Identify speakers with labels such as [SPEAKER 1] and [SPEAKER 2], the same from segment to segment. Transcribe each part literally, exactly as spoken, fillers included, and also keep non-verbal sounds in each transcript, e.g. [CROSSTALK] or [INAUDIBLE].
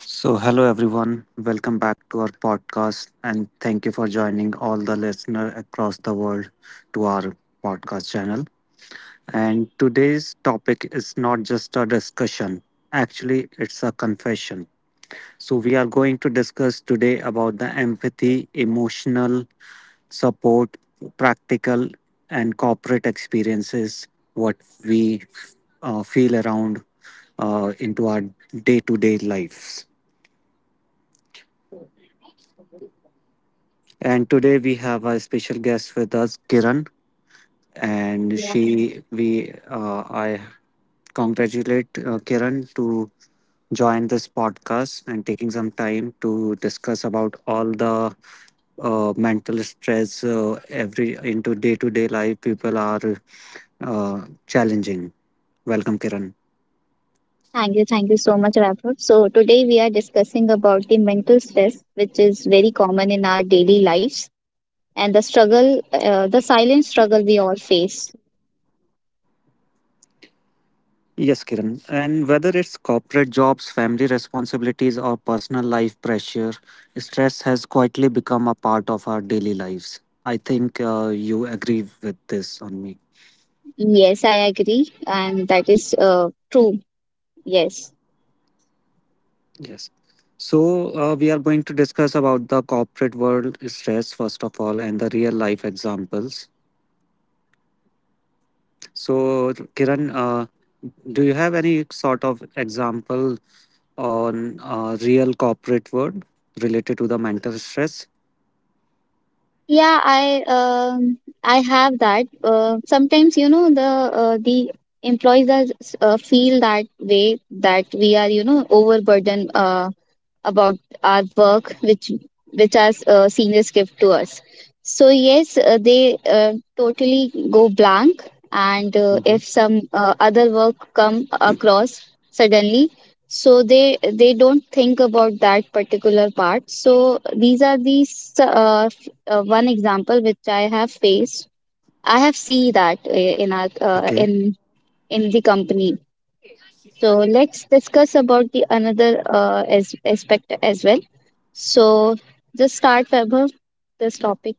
[SPEAKER 1] So, hello everyone. Welcome back to our podcast, and thank you for joining all the listener across the world to our podcast channel. And today's topic is not just a discussion. Actually, it's a confession. So, we are going to discuss today about the empathy, emotional support, practical and corporate experiences, what we uh, feel around uh, into our day-to-day lives. And today we have a special guest with us, Kiran, and
[SPEAKER 2] Yeah,
[SPEAKER 1] she we uh, I congratulate uh, Kiran to join this podcast and taking some time to discuss about all the uh, mental stress uh, every into day to day life people are uh, challenging. Welcome, Kiran.
[SPEAKER 2] thank you. Thank you so much, Vaibhav. So today we are discussing about the mental stress, which is very common in our daily lives, and the struggle, uh, the silent struggle we all face.
[SPEAKER 1] Yes, Kiran. And whether it's corporate jobs, family responsibilities, or personal life pressure, stress has quietly become a part of our daily lives. I think uh, you agree with this on me.
[SPEAKER 2] Yes, I agree, and that is uh, true. Yes.
[SPEAKER 1] Yes. So uh, we are going to discuss about the corporate world stress first of all, and the real life examples. So Kiran, uh, do you have any sort of example on uh, real corporate world related to the mental stress?
[SPEAKER 2] Yeah, I um, I have that. Uh, sometimes you know the uh, the employees are, uh, feel that way that we are you know overburdened. Uh, about our work, which which our uh, seniors give to us. So yes, uh, they uh, totally go blank, and uh,
[SPEAKER 1] Mhm.
[SPEAKER 2] if some uh, other work come across suddenly, so they they don't think about that particular part. So these are these uh, f- uh, one example which I have faced. I have seen that uh, in our uh,
[SPEAKER 1] Okay.
[SPEAKER 2] in in the company. So let's discuss about the another uh, as, aspect as well, so just start, Vaibhav, this topic.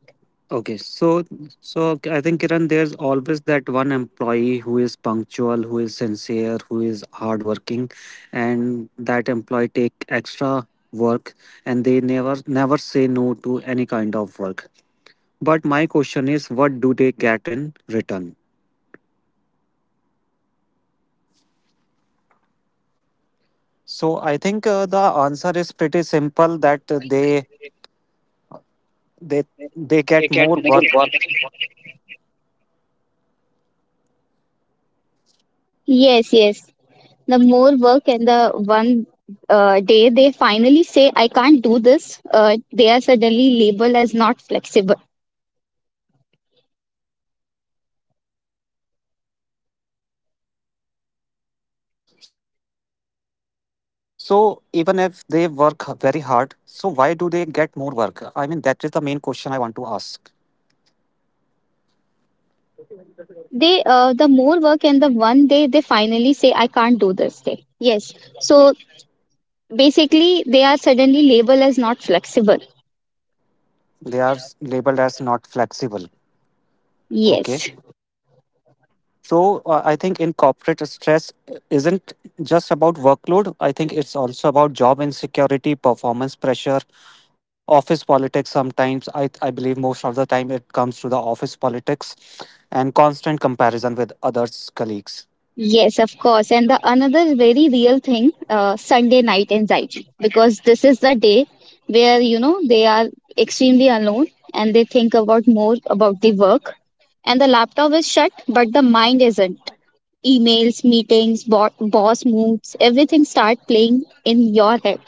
[SPEAKER 1] Okay, so so okay, I think Kiran, there's always that one employee who is punctual, who is sincere, who is hardworking, and that employee take extra work, and they never never say no to any kind of work. But my question is, what do they get in return? So I think uh, the answer is pretty simple that uh, they they they
[SPEAKER 2] They
[SPEAKER 1] get
[SPEAKER 2] get
[SPEAKER 1] more
[SPEAKER 2] more
[SPEAKER 1] work.
[SPEAKER 2] work. Yes, yes. The more work, and the one uh, day they finally say, I can't do this, uh, they are suddenly labeled as not flexible.
[SPEAKER 1] So even if they work very hard, so why do they get more work? I mean, that is the main question I want to ask.
[SPEAKER 2] They, uh, the more work and the one day they finally say, I can't do this day. Yes. So basically, they are suddenly labeled as not flexible.
[SPEAKER 1] They are s- labeled as not flexible. Okay.
[SPEAKER 2] Yes.
[SPEAKER 1] So uh, I think in corporate stress isn't just about workload. I think it's also about job insecurity, performance pressure, office politics. Sometimes I I believe most of the time it comes to the office politics and constant comparison with others colleagues.
[SPEAKER 2] Yes, of course. And the another very real thing, uh, Sunday night anxiety, because this is the day where, you know, they are extremely alone and they think about more about the work. And the laptop is shut, but the mind isn't. Emails, meetings, bo- boss moods, everything start playing in your head.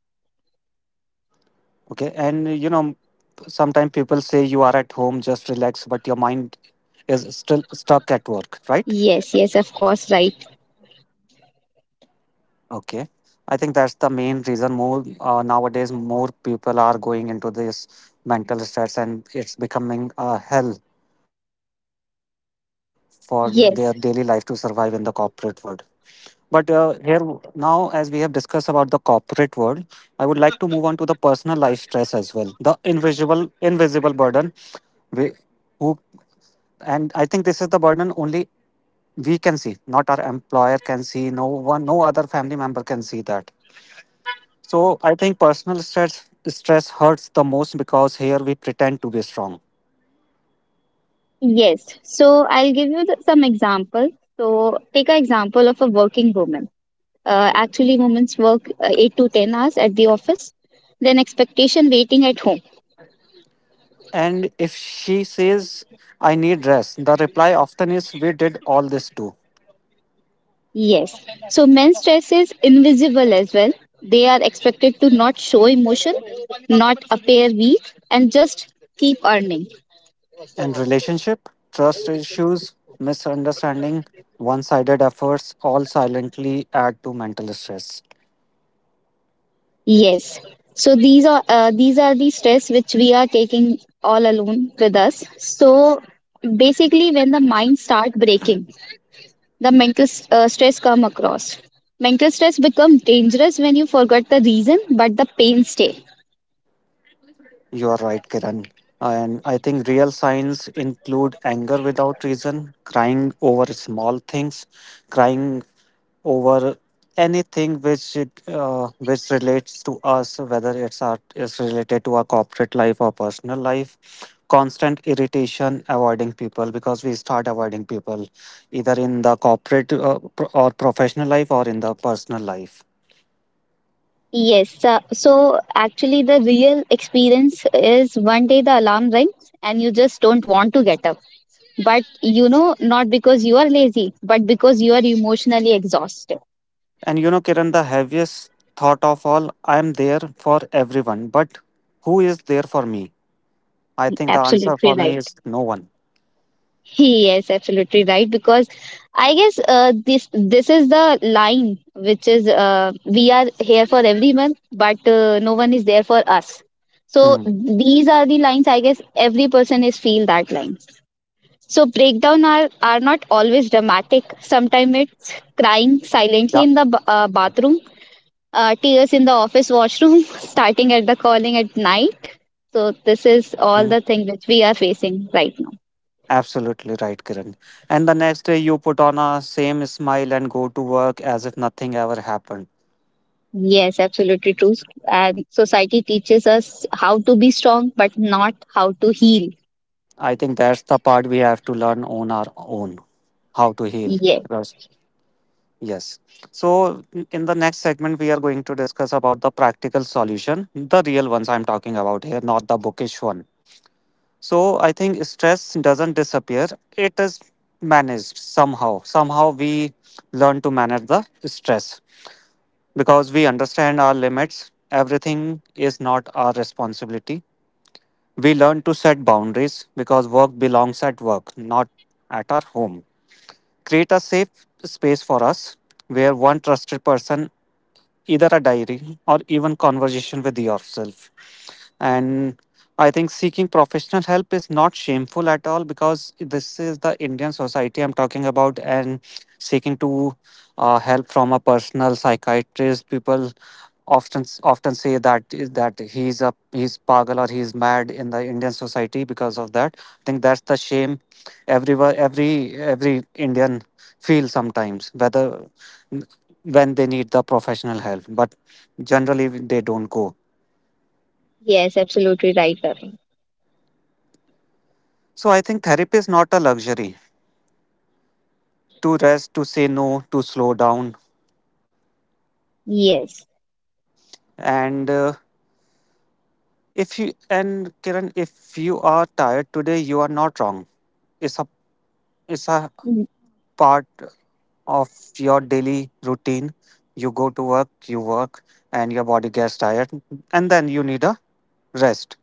[SPEAKER 1] Okay, and you know, sometimes people say you are at home, just relax, but your mind is still stuck at work, right?
[SPEAKER 2] Yes, yes, of course, right.
[SPEAKER 1] Okay, I think that's the main reason. More uh, nowadays, more people are going into this mental stress, and it's becoming a hell for their daily life to survive in the
[SPEAKER 2] Yes,
[SPEAKER 1] corporate world. But uh, here now, as we have discussed about the corporate world, I would like to move on to the personal life stress as well. The invisible, invisible burden we, who, and I think this is the burden only we can see, not our employer can see. No one, no other family member can see that. So I think personal stress stress hurts the most because here we pretend to be strong.
[SPEAKER 2] yes. So I'll give you the, some example. So take an example of a working woman. Uh, actually, women's work uh, eight to ten hours at the office, then expectation waiting at home.
[SPEAKER 1] And if she says, I need rest, the reply often is, we did all this too.
[SPEAKER 2] Yes. So men's stress is invisible as well. They are expected to not show emotion, not appear weak, and just keep earning.
[SPEAKER 1] And relationship, trust issues, misunderstanding, one sided efforts all silently add to mental stress.
[SPEAKER 2] Yes. So these are uh, these are the stress which we are taking all alone with us. So basically, when the mind start breaking, the mental s- uh, stress come across. Mental stress become dangerous when you forget the reason, but the pain stay.
[SPEAKER 1] You are right, Kiran. And I think real signs include anger without reason, crying over small things, crying over anything which it, uh, which relates to us, whether it's our, is related to our corporate life or personal life. Constant irritation, avoiding people because we start avoiding people either in the corporate uh, pro- or professional life or in the personal life.
[SPEAKER 2] Yes, uh, so actually the real experience is one day the alarm rings and you just don't want to get up. But you know, not because you are lazy, but because you are emotionally exhausted.
[SPEAKER 1] And you know, Kiran, the heaviest thought of all, I am there for everyone, but who is there for me? I think the answer for
[SPEAKER 2] Absolutely
[SPEAKER 1] me
[SPEAKER 2] right.
[SPEAKER 1] is no one.
[SPEAKER 2] Yes, absolutely right, because I guess uh, this this is the line which is uh, we are here for everyone, but uh, no one is there for us. So
[SPEAKER 1] Hmm.
[SPEAKER 2] these are the lines, I guess every person is feel that line. So breakdown are are not always dramatic,
[SPEAKER 1] Yeah.
[SPEAKER 2] sometimes it's crying silently in the b- uh, bathroom, uh, tears in the office washroom [LAUGHS] starting at the calling at night. So this is
[SPEAKER 1] Hmm.
[SPEAKER 2] all the thing which we are facing right now.
[SPEAKER 1] Absolutely right, Kiran. And the next day, you put on a same smile and go to work as if nothing ever happened.
[SPEAKER 2] Yes, absolutely true. And society teaches us how to be strong, but not how to heal.
[SPEAKER 1] I think that's the part we have to learn on our own how to heal.
[SPEAKER 2] Yes,
[SPEAKER 1] Because, yes. So, in the next segment, we are going to discuss about the practical solution, the real ones I'm talking about here, not the bookish one. So I think stress doesn't disappear. It is managed somehow. Somehow we learn to manage the stress because we understand our limits. Everything is not our responsibility. We learn to set boundaries because work belongs at work, not at our home. Create a safe space for us where one trusted person, either a diary or even conversation with yourself, and I think seeking professional help is not shameful at all because this is the Indian society I'm talking about, and seeking to uh, help from a personal psychiatrist, people often often say that that he's a he's pagal or he's mad in the Indian society. Because of that, I think that's the shame everywhere. Every every Indian feels sometimes whether when they need the professional help, but generally they don't go.
[SPEAKER 2] yes, absolutely right, Ravi.
[SPEAKER 1] So I think therapy is not a luxury. To rest, to say no, to slow down,
[SPEAKER 2] Yes.
[SPEAKER 1] and uh, if you and Kiran, if you are tired today, you are not wrong. It's a it's a
[SPEAKER 2] Mm,
[SPEAKER 1] part of your daily routine. You go to work, you work, and your body gets tired, and then you need a rest.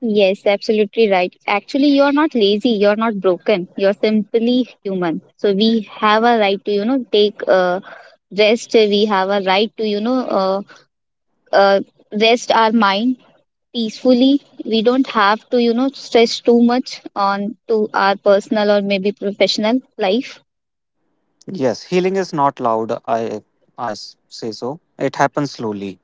[SPEAKER 2] yes, absolutely right. Actually, you are not lazy. You are not broken. You are simply human. So we have a right to, you know, take uh, rest. We have a right to, you know, uh, uh, rest our mind peacefully. We don't have to, you know, stress too much on to our personal or maybe professional life.
[SPEAKER 1] Yes, healing is not loud. I I s- say so. It happens slowly.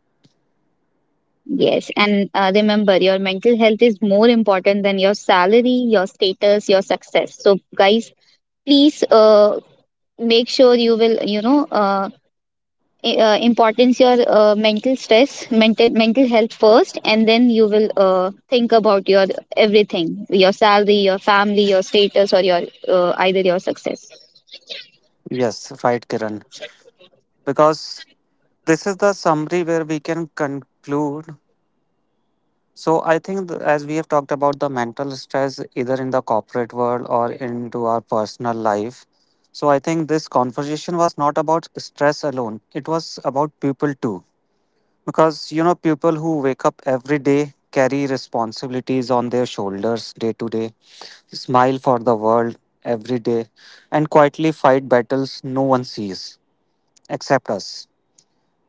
[SPEAKER 2] Yes, and uh, remember, your mental health is more important than your salary, your status, your success. So, guys, please uh, make sure you will, you know, uh, i- uh, importance your uh, mental stress, mental mental health first, and then you will uh, think about your everything, your salary, your family, your status, or your uh, either your success.
[SPEAKER 1] Yes, right, Kiran. Because this is the summary where we can conclude. So I think th- as we have talked about the mental stress either in the corporate world or into our personal life. So I think this conversation was not about stress alone. It was about people too. Because you know people who wake up every day carry responsibilities on their shoulders day to day, smile for the world every day and quietly fight battles no one sees except us.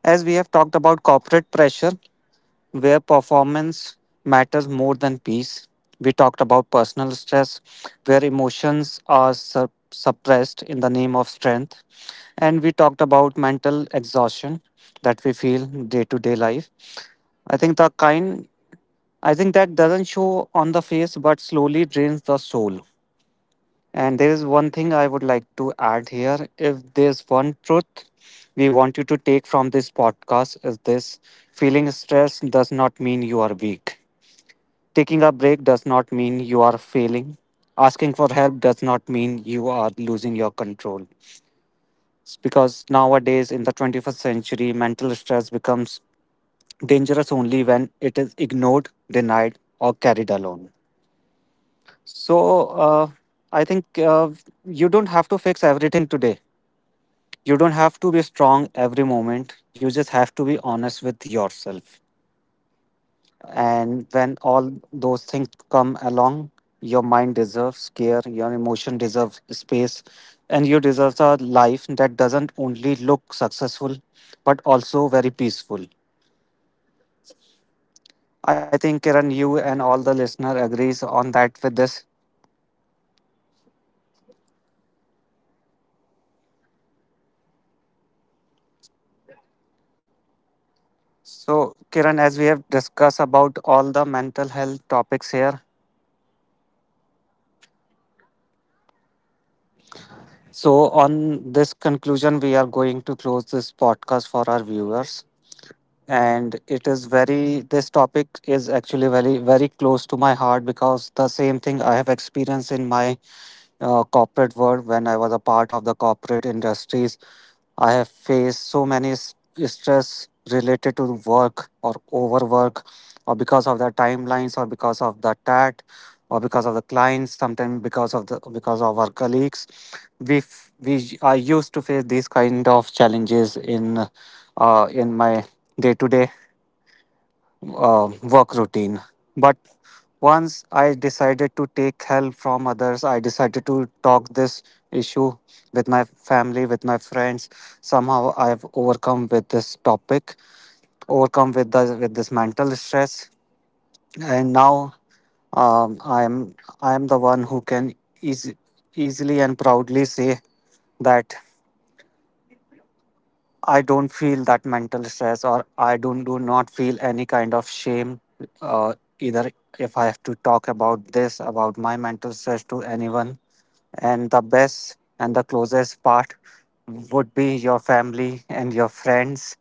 [SPEAKER 1] As we have talked about corporate pressure, where performance matters more than peace. We talked about personal stress, where emotions are sup- suppressed in the name of strength. And we talked about mental exhaustion that we feel day to day life. I think the kind, I think that doesn't show on the face but slowly drains the soul. And there is one thing I would like to add here. If there's one truth we want you to take from this podcast is this: feeling stress does not mean you are weak. Taking a break does not mean you are failing. Asking for help does not mean you are losing your control. It's because nowadays in the twenty-first century, mental stress becomes dangerous only when it is ignored, denied, or carried alone. So, uh, I think uh, you don't have to fix everything today, you don't have to be strong every moment, you just have to be honest with yourself, and when all those things come along, your mind deserves care, your emotion deserves space, and you deserve a life that doesn't only look successful but also very peaceful. I think Kiran, you and all the listener agrees on that with this. So Kiran, as we have discussed about all the mental health topics here, so, on this conclusion, we are going to close this podcast for our viewers, and it is very this topic is actually very very close to my heart because the same thing I have experienced in my uh, corporate world. When I was a part of the corporate industries, I have faced so many s- stress related to work or overwork, or because of the timelines, or because of the tat, or because of the clients, sometimes because of the because of our colleagues. We f- we I used to face these kind of challenges in uh, in my day to day work routine. But once I decided to take help from others, I decided to talk this issue with my family, with my friends. Somehow I've overcome with this topic, overcome with the with this mental stress, and now um, I'm I'm the one who can easy, easily and proudly say that I don't feel that mental stress, or I don't do not feel any kind of shame. Uh, either if I have to talk about this about my mental stress to anyone, and the best and the closest part would be your family and your friends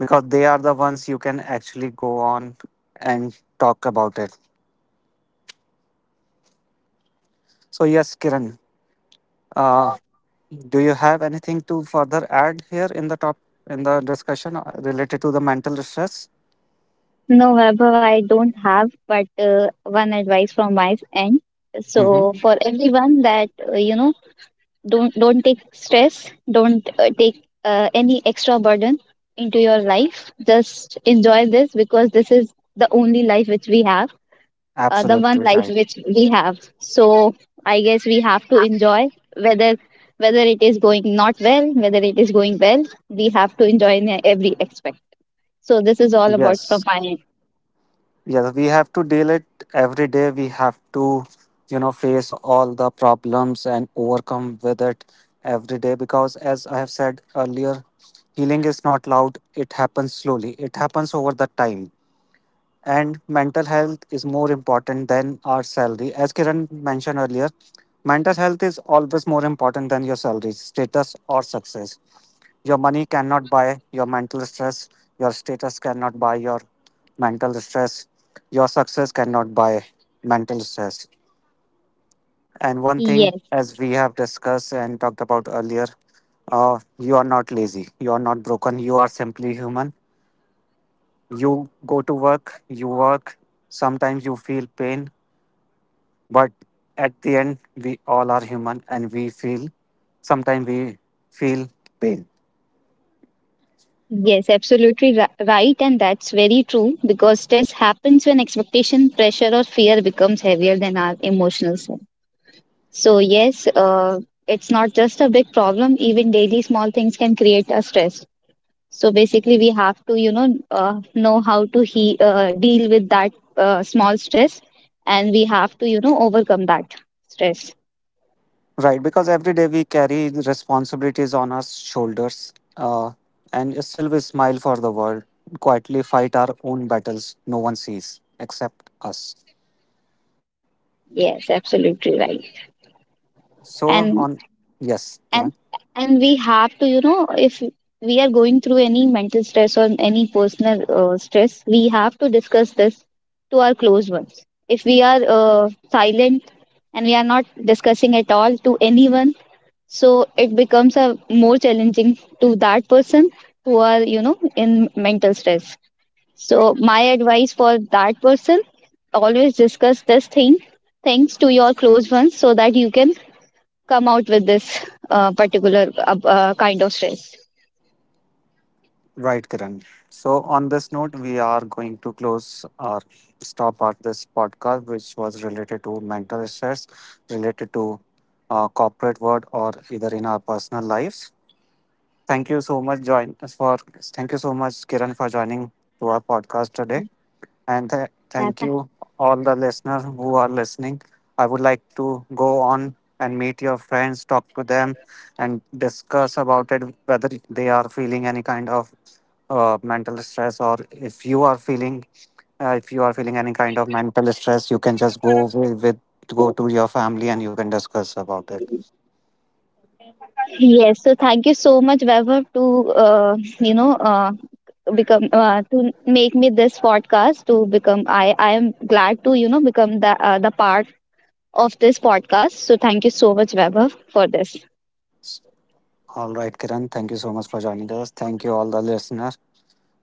[SPEAKER 1] because they are the ones you can actually go on and talk about it. So yes, Kiran, uh, do you have anything to further add here in the top in the discussion uh, related to the mental stress?
[SPEAKER 2] No, Vaibhav, I don't have, but uh, one advice from my end. So
[SPEAKER 1] Mm-hmm.
[SPEAKER 2] for everyone that uh, you know, don't don't take stress, don't uh, take uh, any extra burden into your life. Just enjoy this because this is the only life which we have, uh, the one
[SPEAKER 1] Absolutely
[SPEAKER 2] life
[SPEAKER 1] right.
[SPEAKER 2] which we have. So I guess we have to enjoy whether whether it is going not well, whether it is going well, we have to enjoy in every aspect. So this is all about
[SPEAKER 1] Yes.
[SPEAKER 2] from my end.
[SPEAKER 1] Yes, we have to deal it every day. We have to, you know, face all the problems and overcome with it every day because as I have said earlier, healing is not loud. It happens slowly. It happens over the time. And mental health is more important than our salary. As Kiran mentioned earlier, mental health is always more important than your salary, status, or success. Your money cannot buy your mental stress, your status cannot buy your mental stress, your success cannot buy mental stress. And one thing,
[SPEAKER 2] Yes.
[SPEAKER 1] as we have discussed and talked about earlier, uh, you are not lazy, you are not broken, you are simply human. You go to work, you work, sometimes you feel pain, but at the end, we all are human and we feel, sometimes we feel pain.
[SPEAKER 2] Yes, absolutely ri- right, and that's very true because stress happens when expectation, pressure, or fear becomes heavier than our emotional self. So, yes, uh, it's not just a big problem, even daily small things can create a stress. So, basically, we have to, you know, uh, know how to he- uh, deal with that uh, small stress, and we have to, you know, overcome that stress.
[SPEAKER 1] Right, because every day we carry the responsibilities on our shoulders, uh, and still we smile for the world, quietly fight our own battles no one sees except us.
[SPEAKER 2] Yes, absolutely right.
[SPEAKER 1] So, on,
[SPEAKER 2] And
[SPEAKER 1] yes, Kiran.
[SPEAKER 2] and and we have to, you know, if we are going through any mental stress or any personal uh, stress, we have to discuss this to our close ones. If we are uh, silent and we are not discussing at all to anyone, so it becomes a more challenging to that person who are, you know, in mental stress. So my advice for that person: always discuss this thing thanks to your close ones so that you can come out with this uh, particular uh, uh, kind of stress.
[SPEAKER 1] Right, Kiran. So, on this note, we are going to close or stop at this podcast, which was related to mental stress, related to uh, corporate world, or either in our personal lives. Thank you so much, join us for thank you so much, Kiran, for joining to our podcast today, and th-
[SPEAKER 2] Yeah, tha-
[SPEAKER 1] thank you all the listeners who are listening. I would like to go on and meet your friends, talk to them, and discuss about it whether they are feeling any kind of uh, mental stress, or if you are feeling uh, if you are feeling any kind of mental stress, you can just go with, with go to your family and you can discuss about it.
[SPEAKER 2] Yes, so thank you so much, Vaibhav, to uh, you know, uh, become uh, to make me this podcast to become. I I am glad to, you know, become the uh, the part of this podcast. So thank you so much, Vaibhav, for this.
[SPEAKER 1] All right, Kiran, thank you so much for joining us. Thank you all the listeners,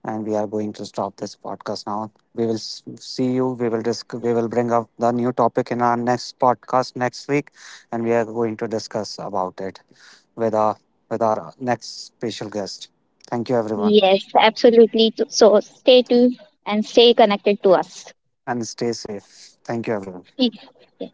[SPEAKER 1] and we are going to stop this podcast now. we will s- see you, we will disc- we will bring up the new topic in our next podcast next week, and we are going to discuss about it with our with our next special guest. Thank you everyone,
[SPEAKER 2] Yes, absolutely. So stay tuned and stay connected to us.
[SPEAKER 1] and stay safe. Thank you everyone.
[SPEAKER 2] Yeah.